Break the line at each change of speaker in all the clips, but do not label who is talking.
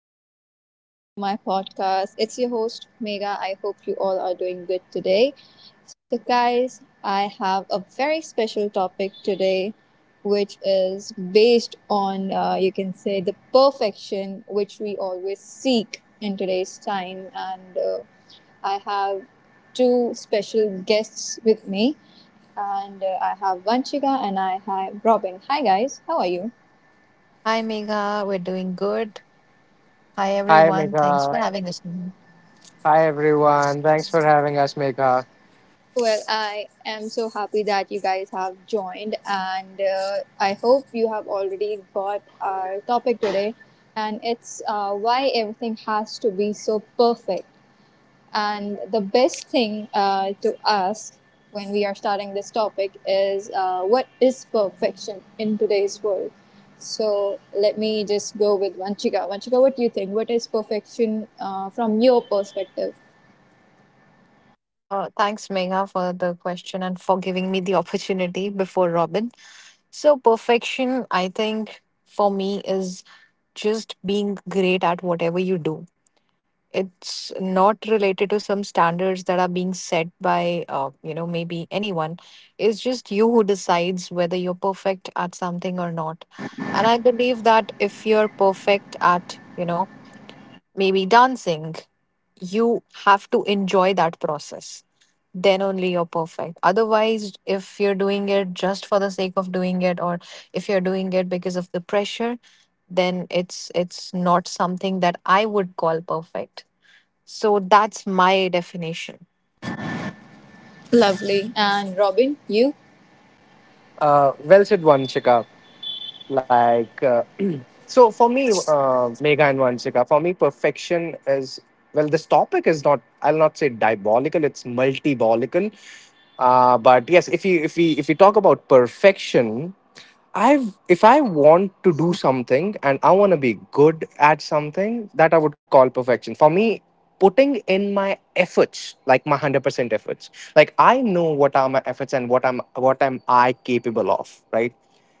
Evening. Welcome to my podcast. It's your host Mega. I hope you all are doing good today. So guys, I have a very special topic today which is based on you can say the perfection which we always seek in today's time and I have two special guests with me and I have Vanchika and I have Robin. Hi guys, how are you?
Hi, Megha. We're doing good. Hi,
Hi,
everyone. Thanks
Megha.
for having us, Megha.
Hi, everyone. Thanks for having us, Megha.
Well, I am so happy that you guys have joined, and I hope you have already got our topic today. And it's why everything has to be so perfect. And the best thing to ask when we are starting this topic is what is perfection in today's world? So let me just go with Vanchika. Vanchika, what do you think? What is perfection from your perspective?
Thanks, Megha, for the question and for giving me the opportunity before Robin. So, perfection, I think, for me is just being great at whatever you do. It's not related to some standards that are being set by, maybe anyone. It's just you who decides whether you're perfect at something or not. And I believe that if you're perfect at, maybe dancing, you have to enjoy that process. Then only you're perfect. Otherwise, if you're doing it just for the sake of doing it, or if you're doing it because of the pressure, then it's not something that I would call perfect. So that's my definition.
Lovely. And Robin, you?
Well said, Vanshika. Like, so for me, Megha and Vanshika, for me, perfection is, well, this topic is not, I'll not say diabolical, it's multibolical. But yes, if we talk about perfection, I've if I want to do something and I want to be good at something, that I would call perfection. For me, putting in my efforts, like my 100% efforts. Like, I know what are my efforts and what am I capable of, right?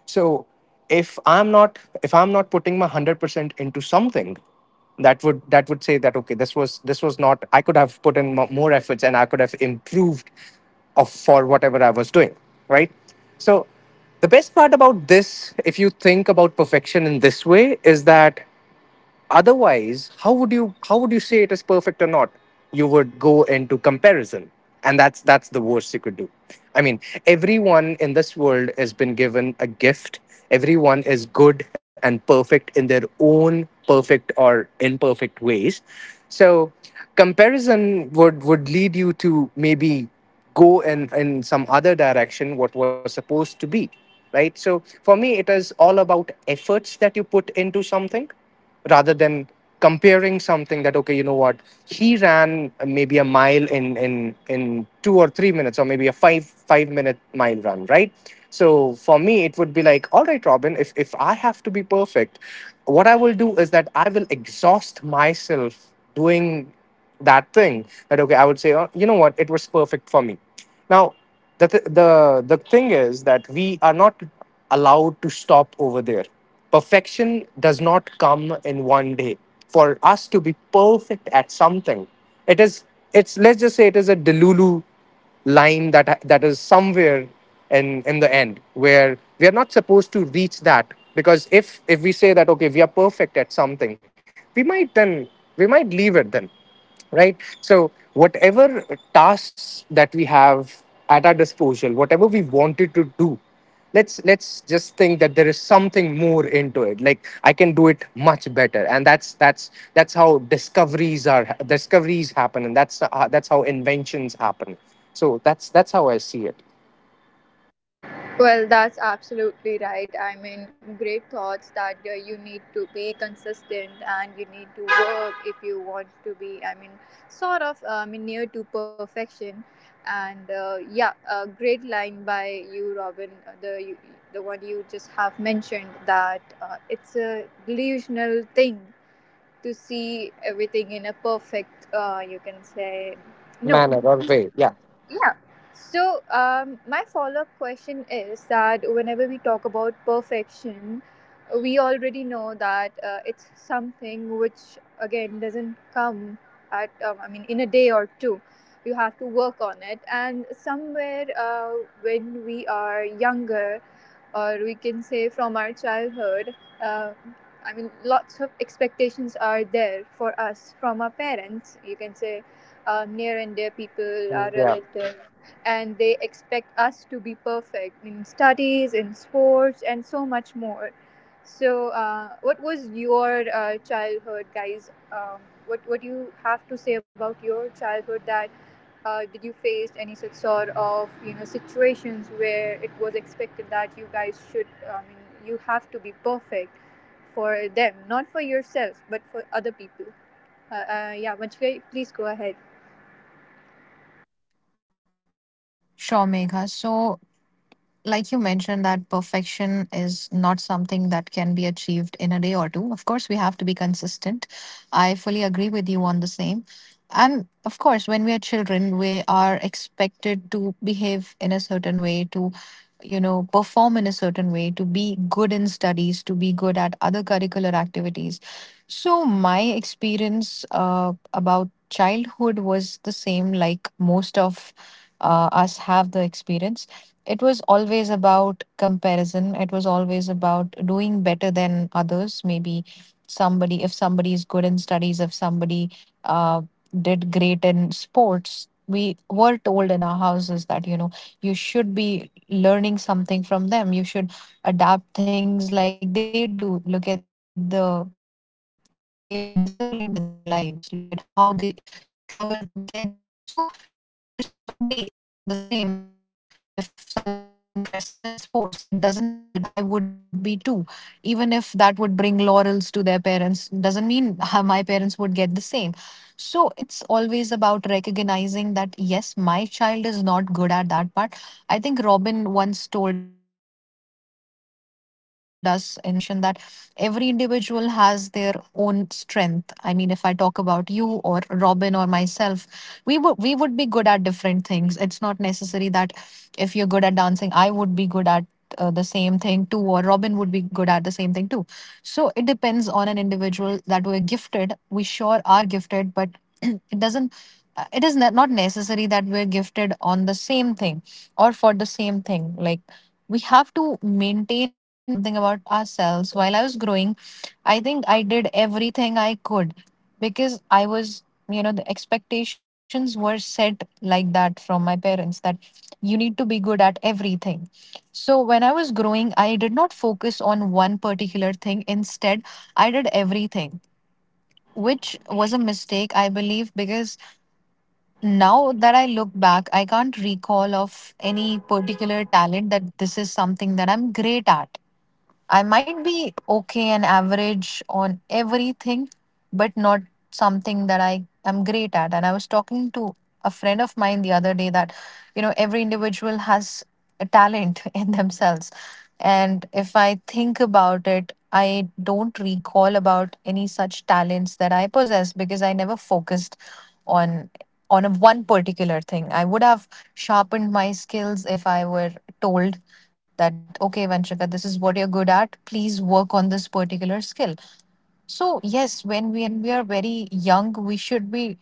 So if I'm not putting my 100% into something, that would say that, okay, this was this not I could have put in more efforts, and I could have improved of for whatever I was doing, right? So the best part about this, if you think about perfection in this way, is that otherwise how would you say it is perfect or not. You would go into comparison, and that's the worst you could do. I mean, everyone in this world has been given a gift. Everyone is good and perfect in their own perfect or imperfect ways. So comparison would lead you to maybe go in some other direction what was supposed to be, right? So for me, it is all about efforts that you put into something, rather than comparing something that, okay, you know what, he ran maybe a mile in 2 or 3 minutes, or maybe a 5 minute mile run, right? So for me, it would be like, all right, Robin, if I have to be perfect, what I will do is that I will exhaust myself doing that thing, that, okay, I would say, oh, you know what, it was perfect for me. Now, the th- the thing is that we are not allowed to stop over there. Perfection does not come in one day. For us to be perfect at something, it is it's let's just say it is a delulu line, that that is somewhere in the end, where we are not supposed to reach that, because if we say that, okay, we are perfect at something, we might then, we might leave it then, right? So, whatever tasks that we have at our disposal, whatever we wanted to do, let's just think that there is something more into it. Like, I can do it much better, and that's how discoveries happen, and that's how inventions happen. So that's how I see it,
Well, that's absolutely right. I mean, great thoughts that you need to be consistent and you need to work if you want to be, I mean, sort of near to perfection. And yeah, a great line by you, Robin, the one you just have mentioned that it's a delusional thing to see everything in a perfect, you can say. No,
manner or way. Yeah.
yeah. So, my follow up question is that whenever we talk about perfection, we already know that it's something which, again, doesn't come at, I mean, in a day or two. You have to work on it. And somewhere when we are younger, or we can say from our childhood, uh, I mean, lots of expectations are there for us from our parents, you can say, near and dear people, our
Yeah.
relatives, and they expect us to be perfect in studies, in sports, and so much more. So what was your childhood, guys? What do you have to say about your childhood, that did you face any such sort of situations where it was expected that guys should? I mean, you have to be perfect for them, not for yourself, but for other people. Yeah, Manchika, please go ahead.
Sure, Megha. So like you mentioned that perfection is not something that can be achieved in a day or two. Of course, we have to be consistent, I fully agree with you on the same. And of course, when we are children, we are expected to behave in a certain way, to perform in a certain way, to be good in studies, to be good at other curricular activities. So my experience, about childhood was the same like most of us have the experience. It was always about comparison. It was always about doing better than others. Maybe somebody if somebody is good in studies, if somebody uh, did great in sports, we were told in our houses that you should be learning something from them. You should adapt things like they do. Look at the way they're disciplined in their lives. Look at how they struggle to get there. So of course nobody is the same. Like, if somebody is interested in sports, it doesn't mean that I would be too. Even if that would bring laurels to their parents, doesn't mean my parents would get the same. So it's always about recognizing that yes, my child is not good at that part. I think Robin once told us in a podcast or in a conversation that every individual has their own strength. I mean, if I talk about you, or Robin, or myself, we would be good at different things. It's not necessary that if you're good at dancing, I would be good at the same thing too, or Robin would be good at the same thing too. So it depends on an individual. That we're gifted, we sure are gifted, but it doesn't, it is not necessary that we're gifted on the same thing or for the same thing. Like, we have to maintain something about ourselves. While I was growing, I think I did everything I could, because I was, the expectations were set like that from my parents, that you need to be good at everything. So when I was growing, I did not focus on one particular thing. Instead, I did everything, which was a mistake, I believe, because now that I look back, I can't recall of any particular talent that this is something that I'm great at. I might be okay and average on everything, but not something that I am great at. And I was talking to a friend of mine the other day that, every individual has a talent in themselves. And if I think about it, I don't recall about any such talents that I possess because I never focused on a one particular thing. I would have sharpened my skills if I were told that, okay, Vanshika, this is what you're good at, please work on this particular skill. So yes, when we are very young, we should be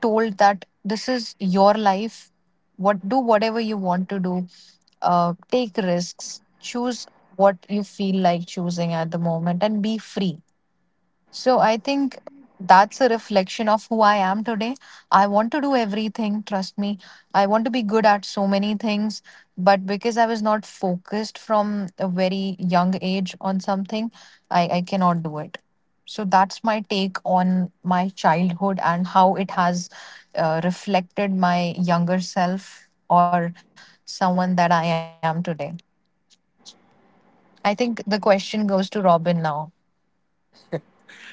told that this is your life. What do whatever you want to do, take risks, choose what you feel like choosing at the moment, and be free. So I think that's a reflection of who I am today. I want to do everything, trust me. I want to be good at so many things, but because I was not focused from a very young age on something, I cannot do it. So that's my take on my childhood and how it has reflected my younger self, or someone that I am today. I think the question goes to Robin now.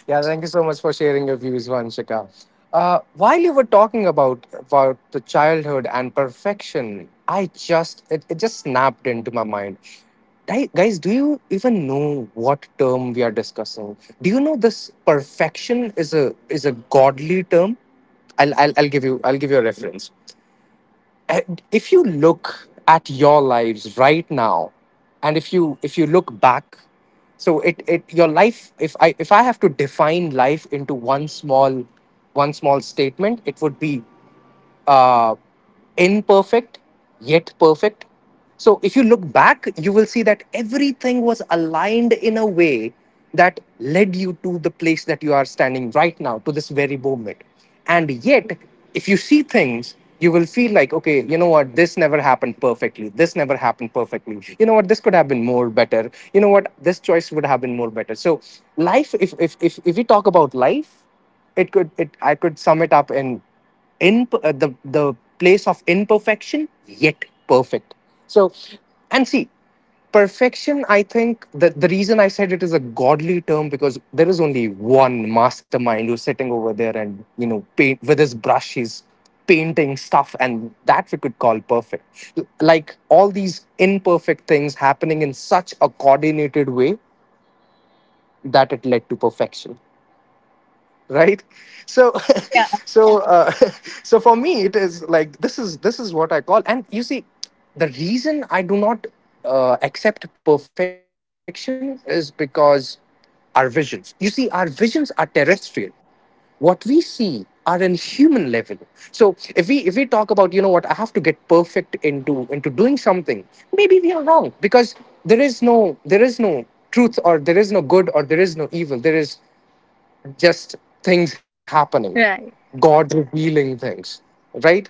Yeah, thank you so much for sharing your views, Vanshika. While you were talking about the childhood and perfection, it just snapped into my mind. Guys, do you even know what term we are discussing? Do you know, this perfection is a godly term? I'll give you a reference. eh, if you look at your lives right now, and if you look back, so it your life, if I have to define life into one small statement, it would be, uh, imperfect yet perfect. So if you look back, you will see that everything was aligned in a way that led you to the place that you are standing right now, to this very moment. And yet, if you see things, you will feel like, okay, you know what, this never happened perfectly. This never happened perfectly. You know what, this could have been more better. You know what, this choice would have been more better. So life, if we talk about life, it could it I could sum it up in the place of imperfection yet perfect. So, and see, perfection, I think that the reason I said it is a godly term, because there is only one mastermind who's sitting over there, and, paint with his brush, he's painting stuff, and that we could call perfect. Like, all these imperfect things happening in such a coordinated way that it led to perfection, right? So
Yeah.
so uh, so for me, it is like, this is what I call. And you see, the reason I do not accept perfection is because our visions, you see, our visions are terrestrial. What we see are in human level. So if we talk about, you know what, I have to get perfect into doing something, maybe we are wrong, because there is no truth, or there is no good, or there is no evil. There is just things happening,
Right.
God revealing things, right?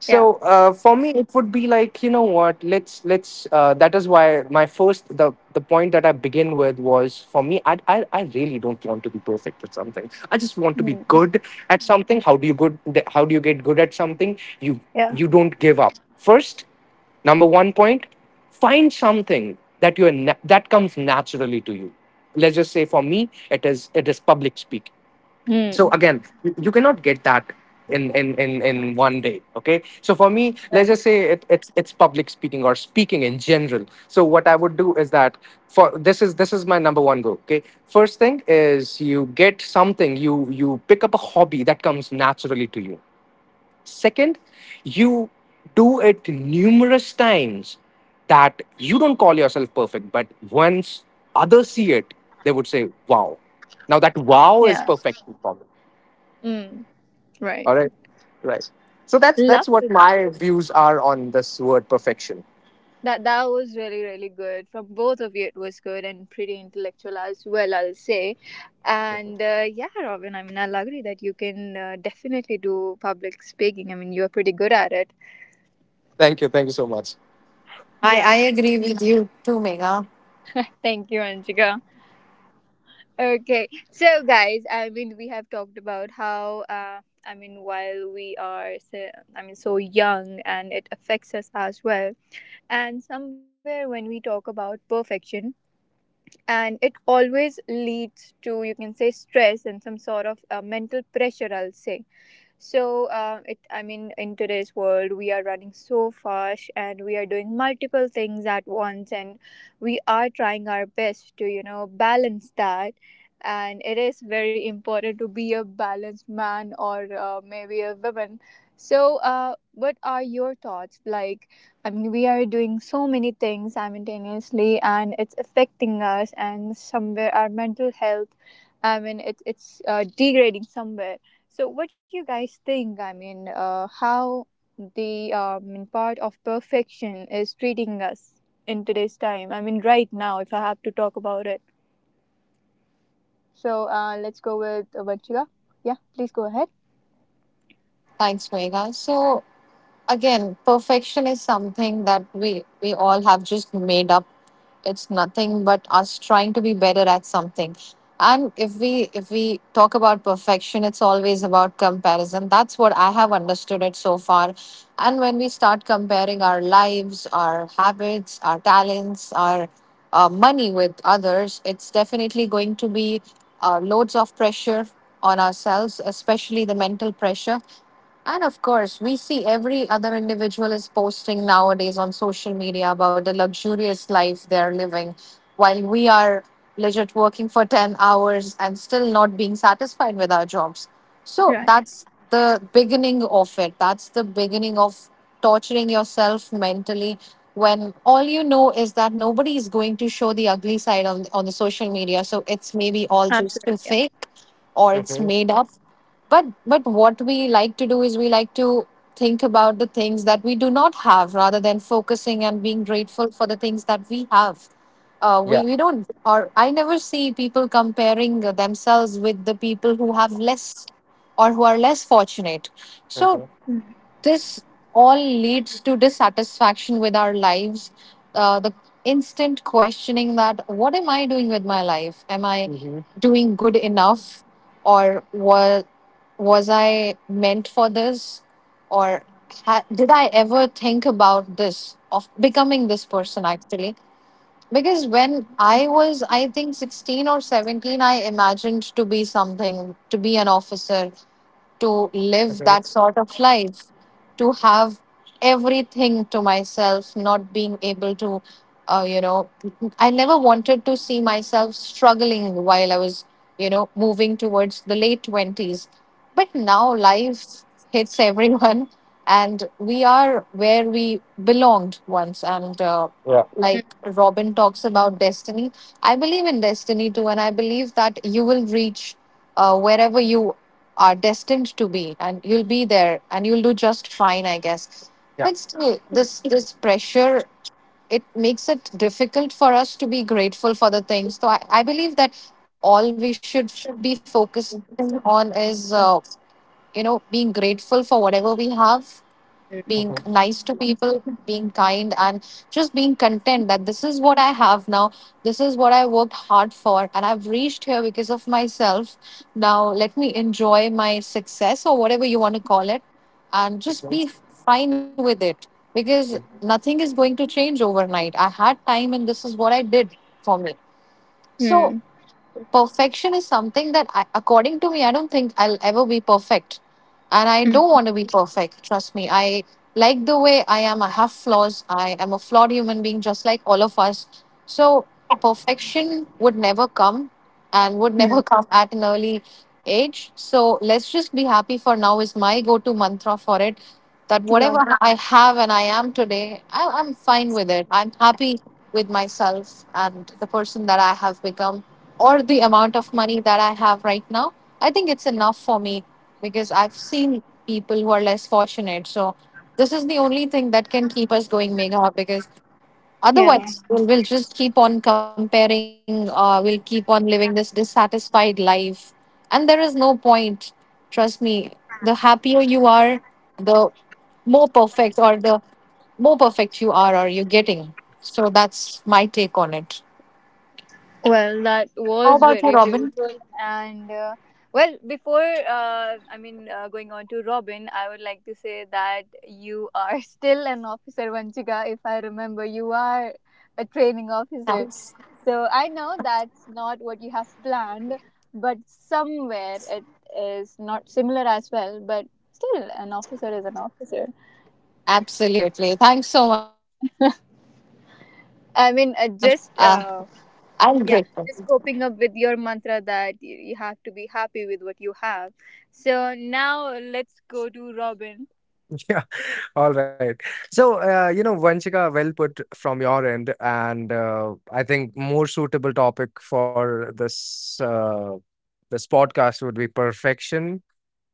So
Yeah.
uh, for me, it would be like, you know what? Let's let's. That is why my first the point that I begin with was, for me, I really don't want to be perfect at something. I just want to be
Mm.
good at something. How do you good? How do you get good at something? You
Yeah.
you don't give up. First, number one point, find something that you are that comes naturally to you. Let's just say, for me, it is public speaking. So
Mm.
again, you cannot get that in one day, okay? So for me, let's
Right.
just say it's public speaking, or speaking in general. So what I would do is that, for this is my number one goal, okay. First thing is, you get something, you pick up a hobby that comes naturally to you. Second, you do it numerous times, that you don't call yourself perfect, but once others see it, would say, wow. Now that wow is
Yeah.
perfect for me.
Mm. Right.
All right. Right. So that's what
Lovely.
my views are on this word perfection.
That was really really good from both of you. It was good and pretty intellectual as well, I'll say. And yeah, Robin, I mean, I'll agree that you can definitely do public speaking. I mean, you're pretty good at it.
Thank you. Thank you so much.
I,
Yeah,
I agree with you too, Megha.
thank you, Anjika. Okay, so guys, I mean, we have talked about how. I mean, while we are, so, I mean, so young, and it affects us as well. And somewhere when we talk about perfection, and it always leads to, you can say, stress and some sort of mental pressure, I'll say. So, I mean, in today's world, we are running so fast and we are doing multiple things at once, and we are trying our best to, balance that. And it is very important to be a balanced man or maybe a woman. So, what are your thoughts? Like, I mean, we are doing so many things simultaneously, and it's affecting us, and somewhere our mental health, I mean, it's degrading somewhere. So, what do you guys think? I mean, how the part of perfection is treating us in today's time? I mean, right now, if I have to talk about it. So, let's go with Vanchika. Yeah, please go ahead.
Thanks, Megha. So again, perfection is something that we all have just made up. It's nothing but us trying to be better at something. And if we talk about perfection, it's always about comparison. That's what I have understood it so far. And when we start comparing our lives, our habits, our talents, our money with others, it's definitely going to be loads of pressure on ourselves, especially the mental pressure. And of course, we see every other individual is posting nowadays on social media about the luxurious life they're living, while we are legit working for 10 hours and still not being satisfied with our jobs. So
Right.
that's the beginning of it. That's the beginning of torturing yourself mentally, when all you know is that nobody is going to show the ugly side on, the social media. So it's maybe all just
Absolutely.
a
Yeah.
fake, or it's
Hmm.
made up. But what we like to do is we like to think about the things that we do not have, rather than focusing and being grateful for the things that we have. uh, we,
Yeah.
we don't, or I never see people comparing themselves with the people who have less, or who are less fortunate. So
Hmm.
Mm.
this all leads to dissatisfaction with our lives, the instant questioning, that what am I doing with my life? Am I
Hmm.
doing good enough? Or was I meant for this? Or did I ever think about this, of becoming this person actually? Because when I was, I think, 16 or 17, I imagined to be something, to be an officer, to live that
Hmm.
sort of life, to have everything to myself, not being able to, uh, you know, I never wanted to see myself struggling while I was, moving towards the late 20s. But now life hits everyone, and we are where we belonged once. And
Yeah.
like Robin talks about destiny, I believe in destiny too, and I believe that you will reach wherever you are destined to be, and you'll be there and you'll do just fine, I guess. But
Yeah.
still, this pressure, it makes it difficult for us to be grateful for the things. So I believe that all we should be focusing on is being grateful for whatever we have, being
Mm.
nice to
Hmm.
people, being kind, and just being content that this is what I have now. This is what I worked hard for, and I've reached here because of myself. Now, let me enjoy my success or whatever you want to call it, and just be fine with it, because nothing is going to change overnight. I had time, and this is what I did for me. So,
Mm.
perfection is something that according to me, I don't think I'll ever be perfect, and I don't
Mm.
want to be perfect, trust me. I like the way I am. I have flaws, I am a flawed human being, just like all of us. So perfection would never come, and would never
Mm.
come at an early age. So let's just be happy for now, is my go-to mantra for it. That whatever
Love.
I have and I am today, I'm fine with it. I'm happy with myself, and the person that I have become, or the amount of money that I have right now, I think it's enough for me, because I've seen people who are less fortunate. So this is the only thing that can keep us going, Megha, because
Yeah.
otherwise we'll just keep on comparing, we'll keep on living this dissatisfied life. And there is no point. Trust me, the happier you are, the more perfect, or the more perfect you are, or you're getting. So that's my take on it.
Well, that
How
was
about you,
very
Robin?
beautiful. And well, before I mean going on to Robin, I would like to say that you are still an officer, Vanchika. If I remember, you are a training officer.
Thanks.
So I know that's not what you have planned, but somewhere it is not similar as well. But still, an officer is an officer.
Absolutely. Thanks so much, Megha, for reminding me.
I
Uh,
mean, just.
I'm grateful.
Yeah, just coping up with your mantra that you have to be happy with what you have. So now let's go to Robin.
Yeah. All right. So, you know, Vanchika, well put from your end, and I think more suitable topic for this podcast would be perfection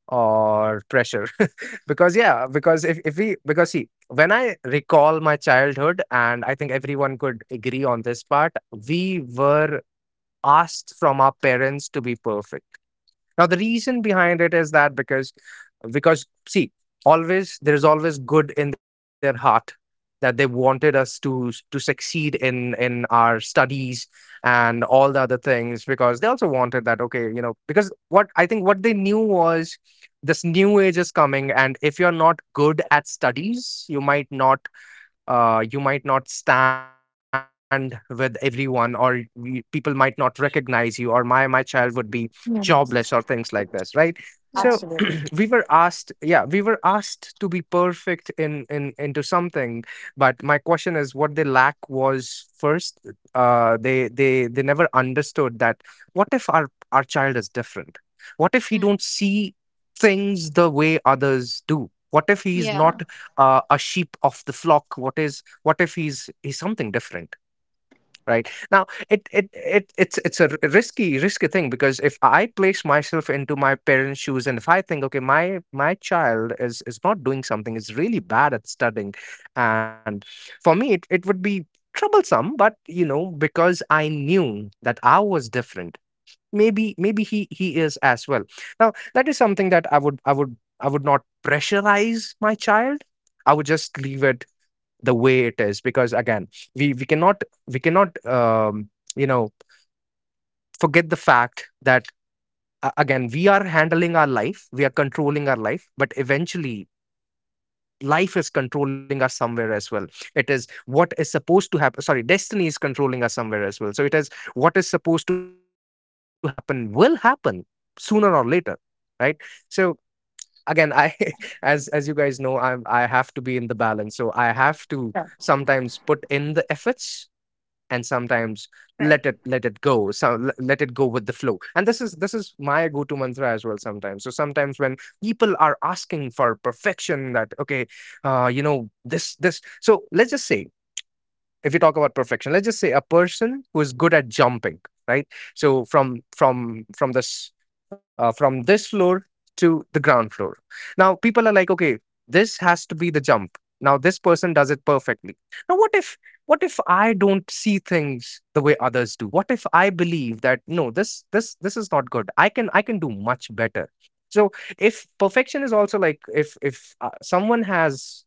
or pressure, because, yeah, because if we because see, when I recall my childhood, and I think everyone could agree on this part, we were asked from our parents to be perfect. Now, the reason behind it is that, because, see, always there is always good in their heart, that they wanted us to succeed in our studies and all the other things, because they also wanted that, okay, you know, because what I think what they knew was, this new age is coming, and if you're not good at studies, you might not stand with everyone, or people might not recognize you, or my child would be
Hmm.
jobless, or things like this, right. So
Right.
Absolutely.
we were asked to be perfect in into something. But my question is, what lack was first? They never understood that, what if our child is different? If he
Mm.
don't see things the way others do, what if he's
Yeah,
not a sheep of the flock? What if he's something different, right? Now it's a risky thing, because if I place myself into my parents' shoes, and if I think, okay, my child is not doing something, is really bad at studying, and for me it would be troublesome. But you know, because I knew that I was different, maybe he is as well. Now, that is something that I would not pressurize my child. I would just leave it the way it is, because again, we cannot you know forget the fact that, again, we are handling our life, we are controlling our life, but eventually life is controlling us somewhere as well. It is what is supposed to happen. Sorry, destiny is controlling us somewhere as well. So it is, what is supposed to happen will happen, sooner or later, right. So again, I as you
yeah.
guys know, I have to be in the balance, so I have to sometimes put in the efforts, and sometimes let it
Right.
let it go, so let it go with the flow. And this is my go to mantra as well, sometimes. So sometimes when people are asking for perfection, that, okay, you know this this so let's just say, if you talk about perfection, let's just say, a person who is good at jumping, right? So from this, from this floor to the ground floor, now people are like, okay, this has to be the jump. Now this person does it perfectly. Now, what if I don't see things the way others do? What if I believe that this is not good? I can, I can do much better. So if perfection is also like, if someone has,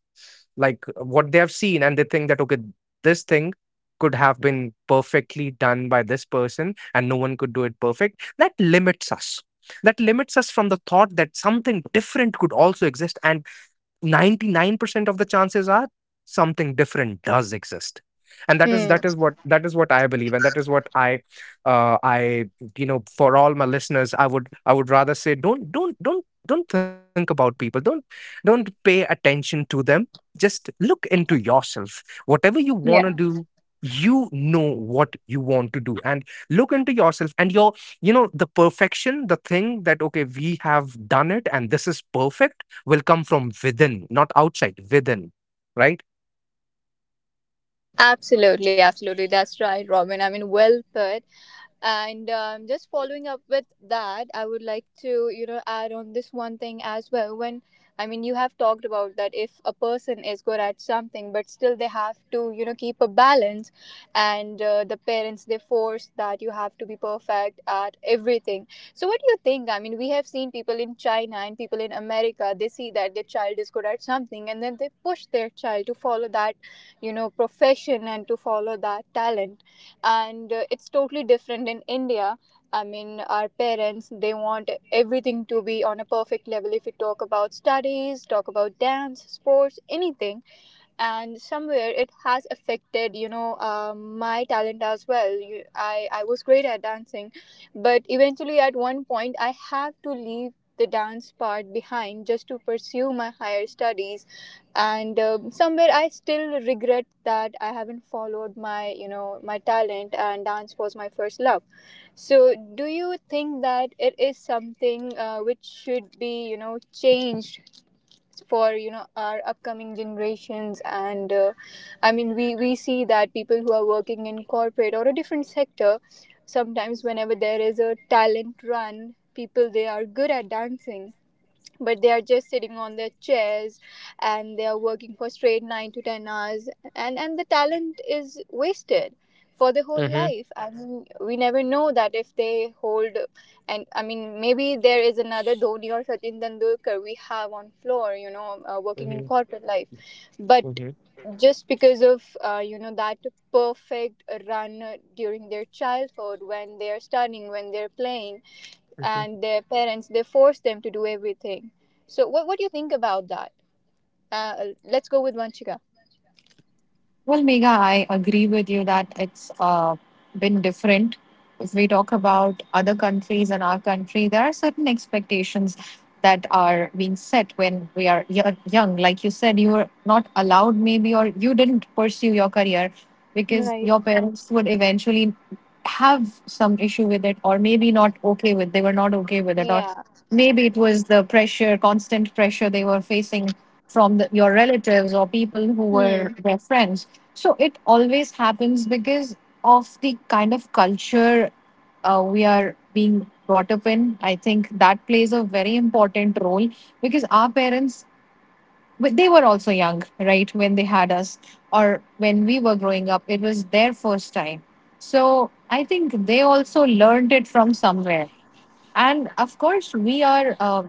like, what they have seen, and they think that, okay, this thing could have been perfectly done by this person and no one could do it perfect, that limits us. That limits us from the thought that something different could also exist, and 99% of the chances are something different does exist. And that is
Mm.
that is what that is what I believe, and that is what I for all my listeners, I would, I would rather say, don't think about people, don't pay attention to them. Just look into yourself, whatever you want to
Yeah.
do. You know what you want to do, and look into yourself and your you know the perfection, the thing that, okay, we have done it and this is perfect, will come from within, not outside, within, right?
Absolutely, absolutely. That's right, Robin. I mean, well put. And just following up with that, I would like to, add on this one thing as well. When, I mean, you have talked about that if a person is good at something, but still they have to, keep a balance, and the parents, they force that you have to be perfect at everything. So, what do you think? I mean, we have seen people in China and people in America, they see that their child is good at something, and then they push their child to follow that, profession, and to follow that talent, and it's totally different in India. I mean, our parents, they want everything to be on a perfect level, if we talk about studies, talk about dance, sports, anything. And somewhere it has affected, my talent as well. I was great at dancing, but eventually at one point I have to leave the dance part behind, just to pursue my higher studies. And somewhere I still regret that I haven't followed my you know my talent, and dance was my first love. So do you think that it is something, which should be changed for our upcoming generations? And I mean, we see that people who are working in corporate or a different sector, sometimes whenever there is a talent run, people, they are good at dancing, but they are just sitting on their chairs, and they are working for straight 9 to 10 hours, and the talent is wasted for the whole
Mm-hmm.
life. I mean, we never know that if they hold, and I mean, maybe there is another Dhoni or Sachin Tendulkar we have on floor, working in
Mm-hmm.
corporate life. But just because of you know that perfect run during their childhood, when they are studying, when they're playing, and
Mm-hmm.
their parents, they force them to do everything. So what do you think about that? Let's go with Vanchika.
Well, Megha, I agree with you that it's been different. If we talk about other countries and our country, there are certain expectations that are being set when we are young. Like you said, you were not allowed, maybe, or you didn't pursue your career, because
Right.
your parents would eventually have some issue with it, or maybe not okay with. They were not okay with it, or
Yeah.
maybe it was the pressure, constant pressure they were facing from your relatives or people who
Hmm.
were their friends. So it always happens because of the kind of culture we are being brought up in. I think that plays a very important role, because our parents, but they were also young, right, when they had us, or when we were growing up, it was their first time. So I think they also learned it from somewhere. And of course, we are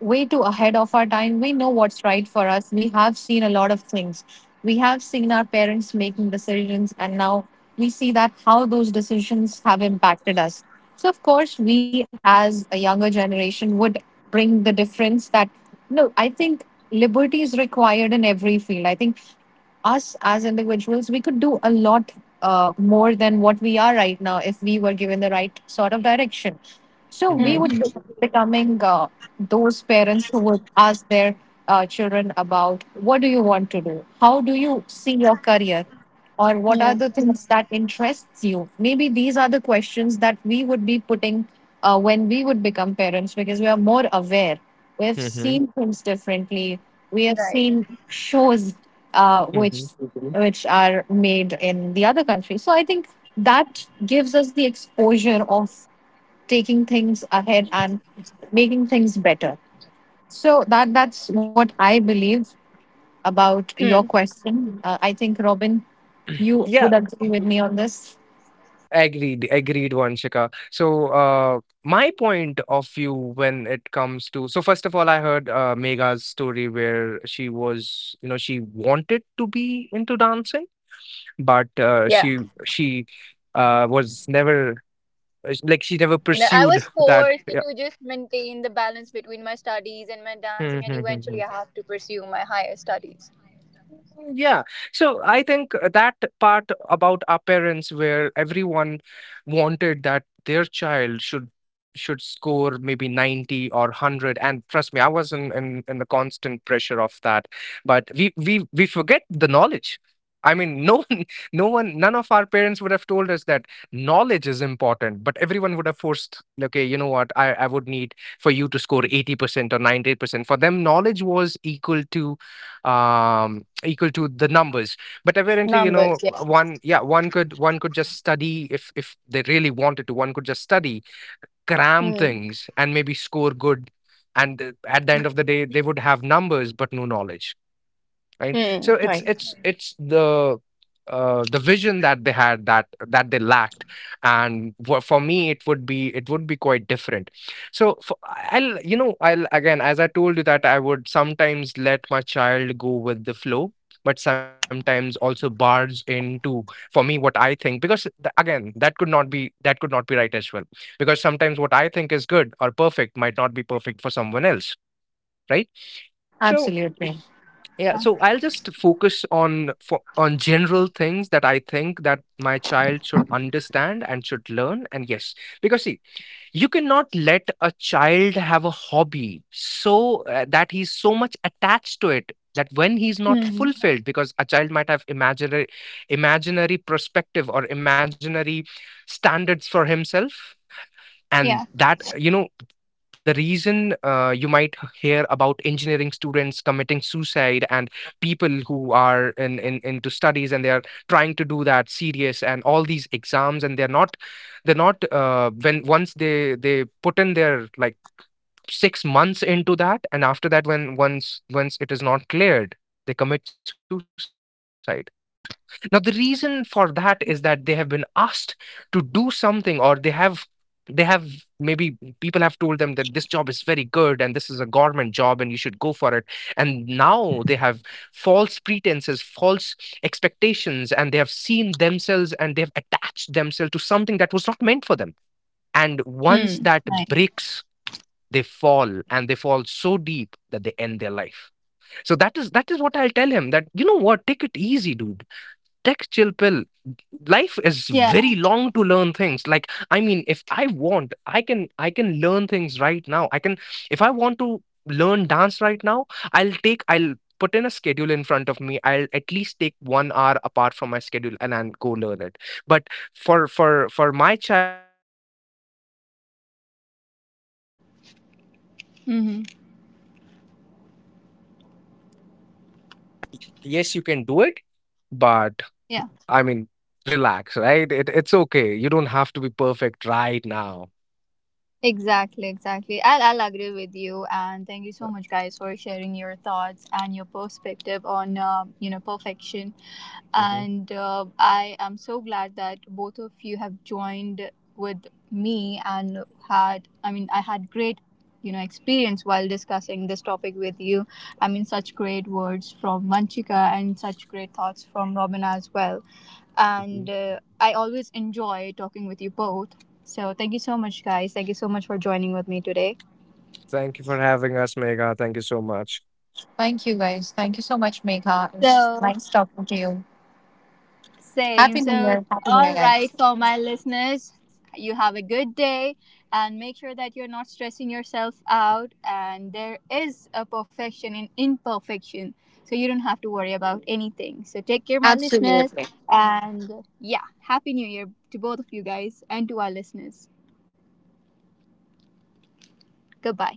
way too ahead of our time. We know what's right for us. We have seen a lot of things. We have seen our parents making decisions, and now we see that how those decisions have impacted us. So, of course, we as a younger generation would bring the difference that, no, I think liberty is required in every field. I think us as individuals, we could do a lot more than what we are right now, if we were given the right sort of direction. So we
Mm-hmm.
would
Mm.
be becoming those parents who would ask their children about, what do you want to do? How do you see your career? Or what are
Yeah.
the things that interests you? Maybe these are the questions that we would be putting when we would become parents, because we are more aware. We have
Mm-hmm.
seen things differently. We have
Right.
seen shows, which
Mm-hmm.
Mhm. Which are made in the other country. So I think that gives us the exposure of taking things ahead and making things better. So that's what I believe about your
Hmm.
question. I think, Robin, you
Yeah,
would agree with me on this.
agreed. Agreed, Vanshika. So, my point of view when it comes to, so first of all, I heard, Mega's story where she was, you know, she wanted to be into dancing, but
Yeah.
she was never, like, she never
I
pursued
was
that.
forced
Yeah.
to just maintain the balance between my studies and my dancing, and eventually I have to pursue my higher studies.
Yeah. So I think, that part about our parents where everyone wanted that their child should score maybe 90 or 100. And trust me, I was in, in the constant pressure of that. But we forget the knowledge. I mean, no one no one, none of our parents would have told us that knowledge is important, but everyone would have forced, okay, you know what, I would need for you to score 80% or 90%. For them, knowledge was equal to, equal to the numbers. But apparently,
Numbers. Yeah.
one — yeah, one could, one could just study if they really wanted to. One could just study, cram
Hmm.
things, and maybe score good. And, at the end of the day, they would have numbers but no knowledge, right?
Hmm.
So
Right.
it's the, the vision that they had, that they lacked. And for me, it would be quite different. So, I'll you know I'll again, as I told you, that I would sometimes let my child go with the flow, but sometimes also barge into. For me, what I think, because again, that could not be right as well, because sometimes what I think is good or perfect might not be perfect for someone else, right? So,
Absolutely.
yeah,
Yeah.
so I'll just focus on, on general things that I think that my child should understand and should learn. And yes, because see, you cannot let a child have a hobby, so that he's so much attached to it that when he's not
Hmm.
fulfilled, because a child might have imaginary perspective or imaginary standards for himself, and
Yeah.
that, you know, the reason, you might hear about engineering students committing suicide and people who are in, into studies, and they are trying to do that serious and all these exams, and they're not, when once they put in their like 6 months into that, and after that, when once it is not cleared, they commit suicide. Now, the reason for that is that they have been asked to do something, or they have — maybe people have told them that this job is very good and this is a government job, and you should go for it. And now they have false pretenses, false expectations, seen themselves, and they have attached themselves to something that was not meant for them. And once
Hmm.
that
Right.
breaks, they fall, and they fall so deep that they end their life. So that is what I'll tell him, that, you know what, take it easy, dude, tech chill pill. Life is
Yeah.
very long to learn things. Like, I mean, if I want, I can, I can learn things right now. I can, if I want to learn dance right now, I'll put in a schedule in front of me, I'll at least one hour apart from my schedule, and I go learn it. But for my child
Hmm.
Yes, you can do it, but
Yeah.
I mean, relax, right? It's okay, you don't have to be perfect right now.
Exactly, exactly. I'll agree with you. And thank you so much, guys, for sharing your thoughts and your perspective on, perfection.
Mhm,
And I am so glad that both of you have joined with me, and I mean, I had great, experience while discussing this topic with you. I mean, such great words from Vanchika and such great thoughts from Robin as well.
mhm.
And I always enjoy talking with you both. So thank you so much, guys. Thank you so much for joining with me today.
Thank you for having us, Megha. Thank you so much.
Thank you guys. Thank you so much, Megha. It was
So
nice talking to you.
same.
Happy New
So
Year. Happy New
all
Year,
right,
guys.
for my listeners, you have a good day, and make sure that you're not stressing yourself out. And there is a perfection in imperfection, so you don't have to worry about anything. So take care, my listeners,
Absolutely.
and yeah, happy New Year to both of you guys and to our listeners. Goodbye.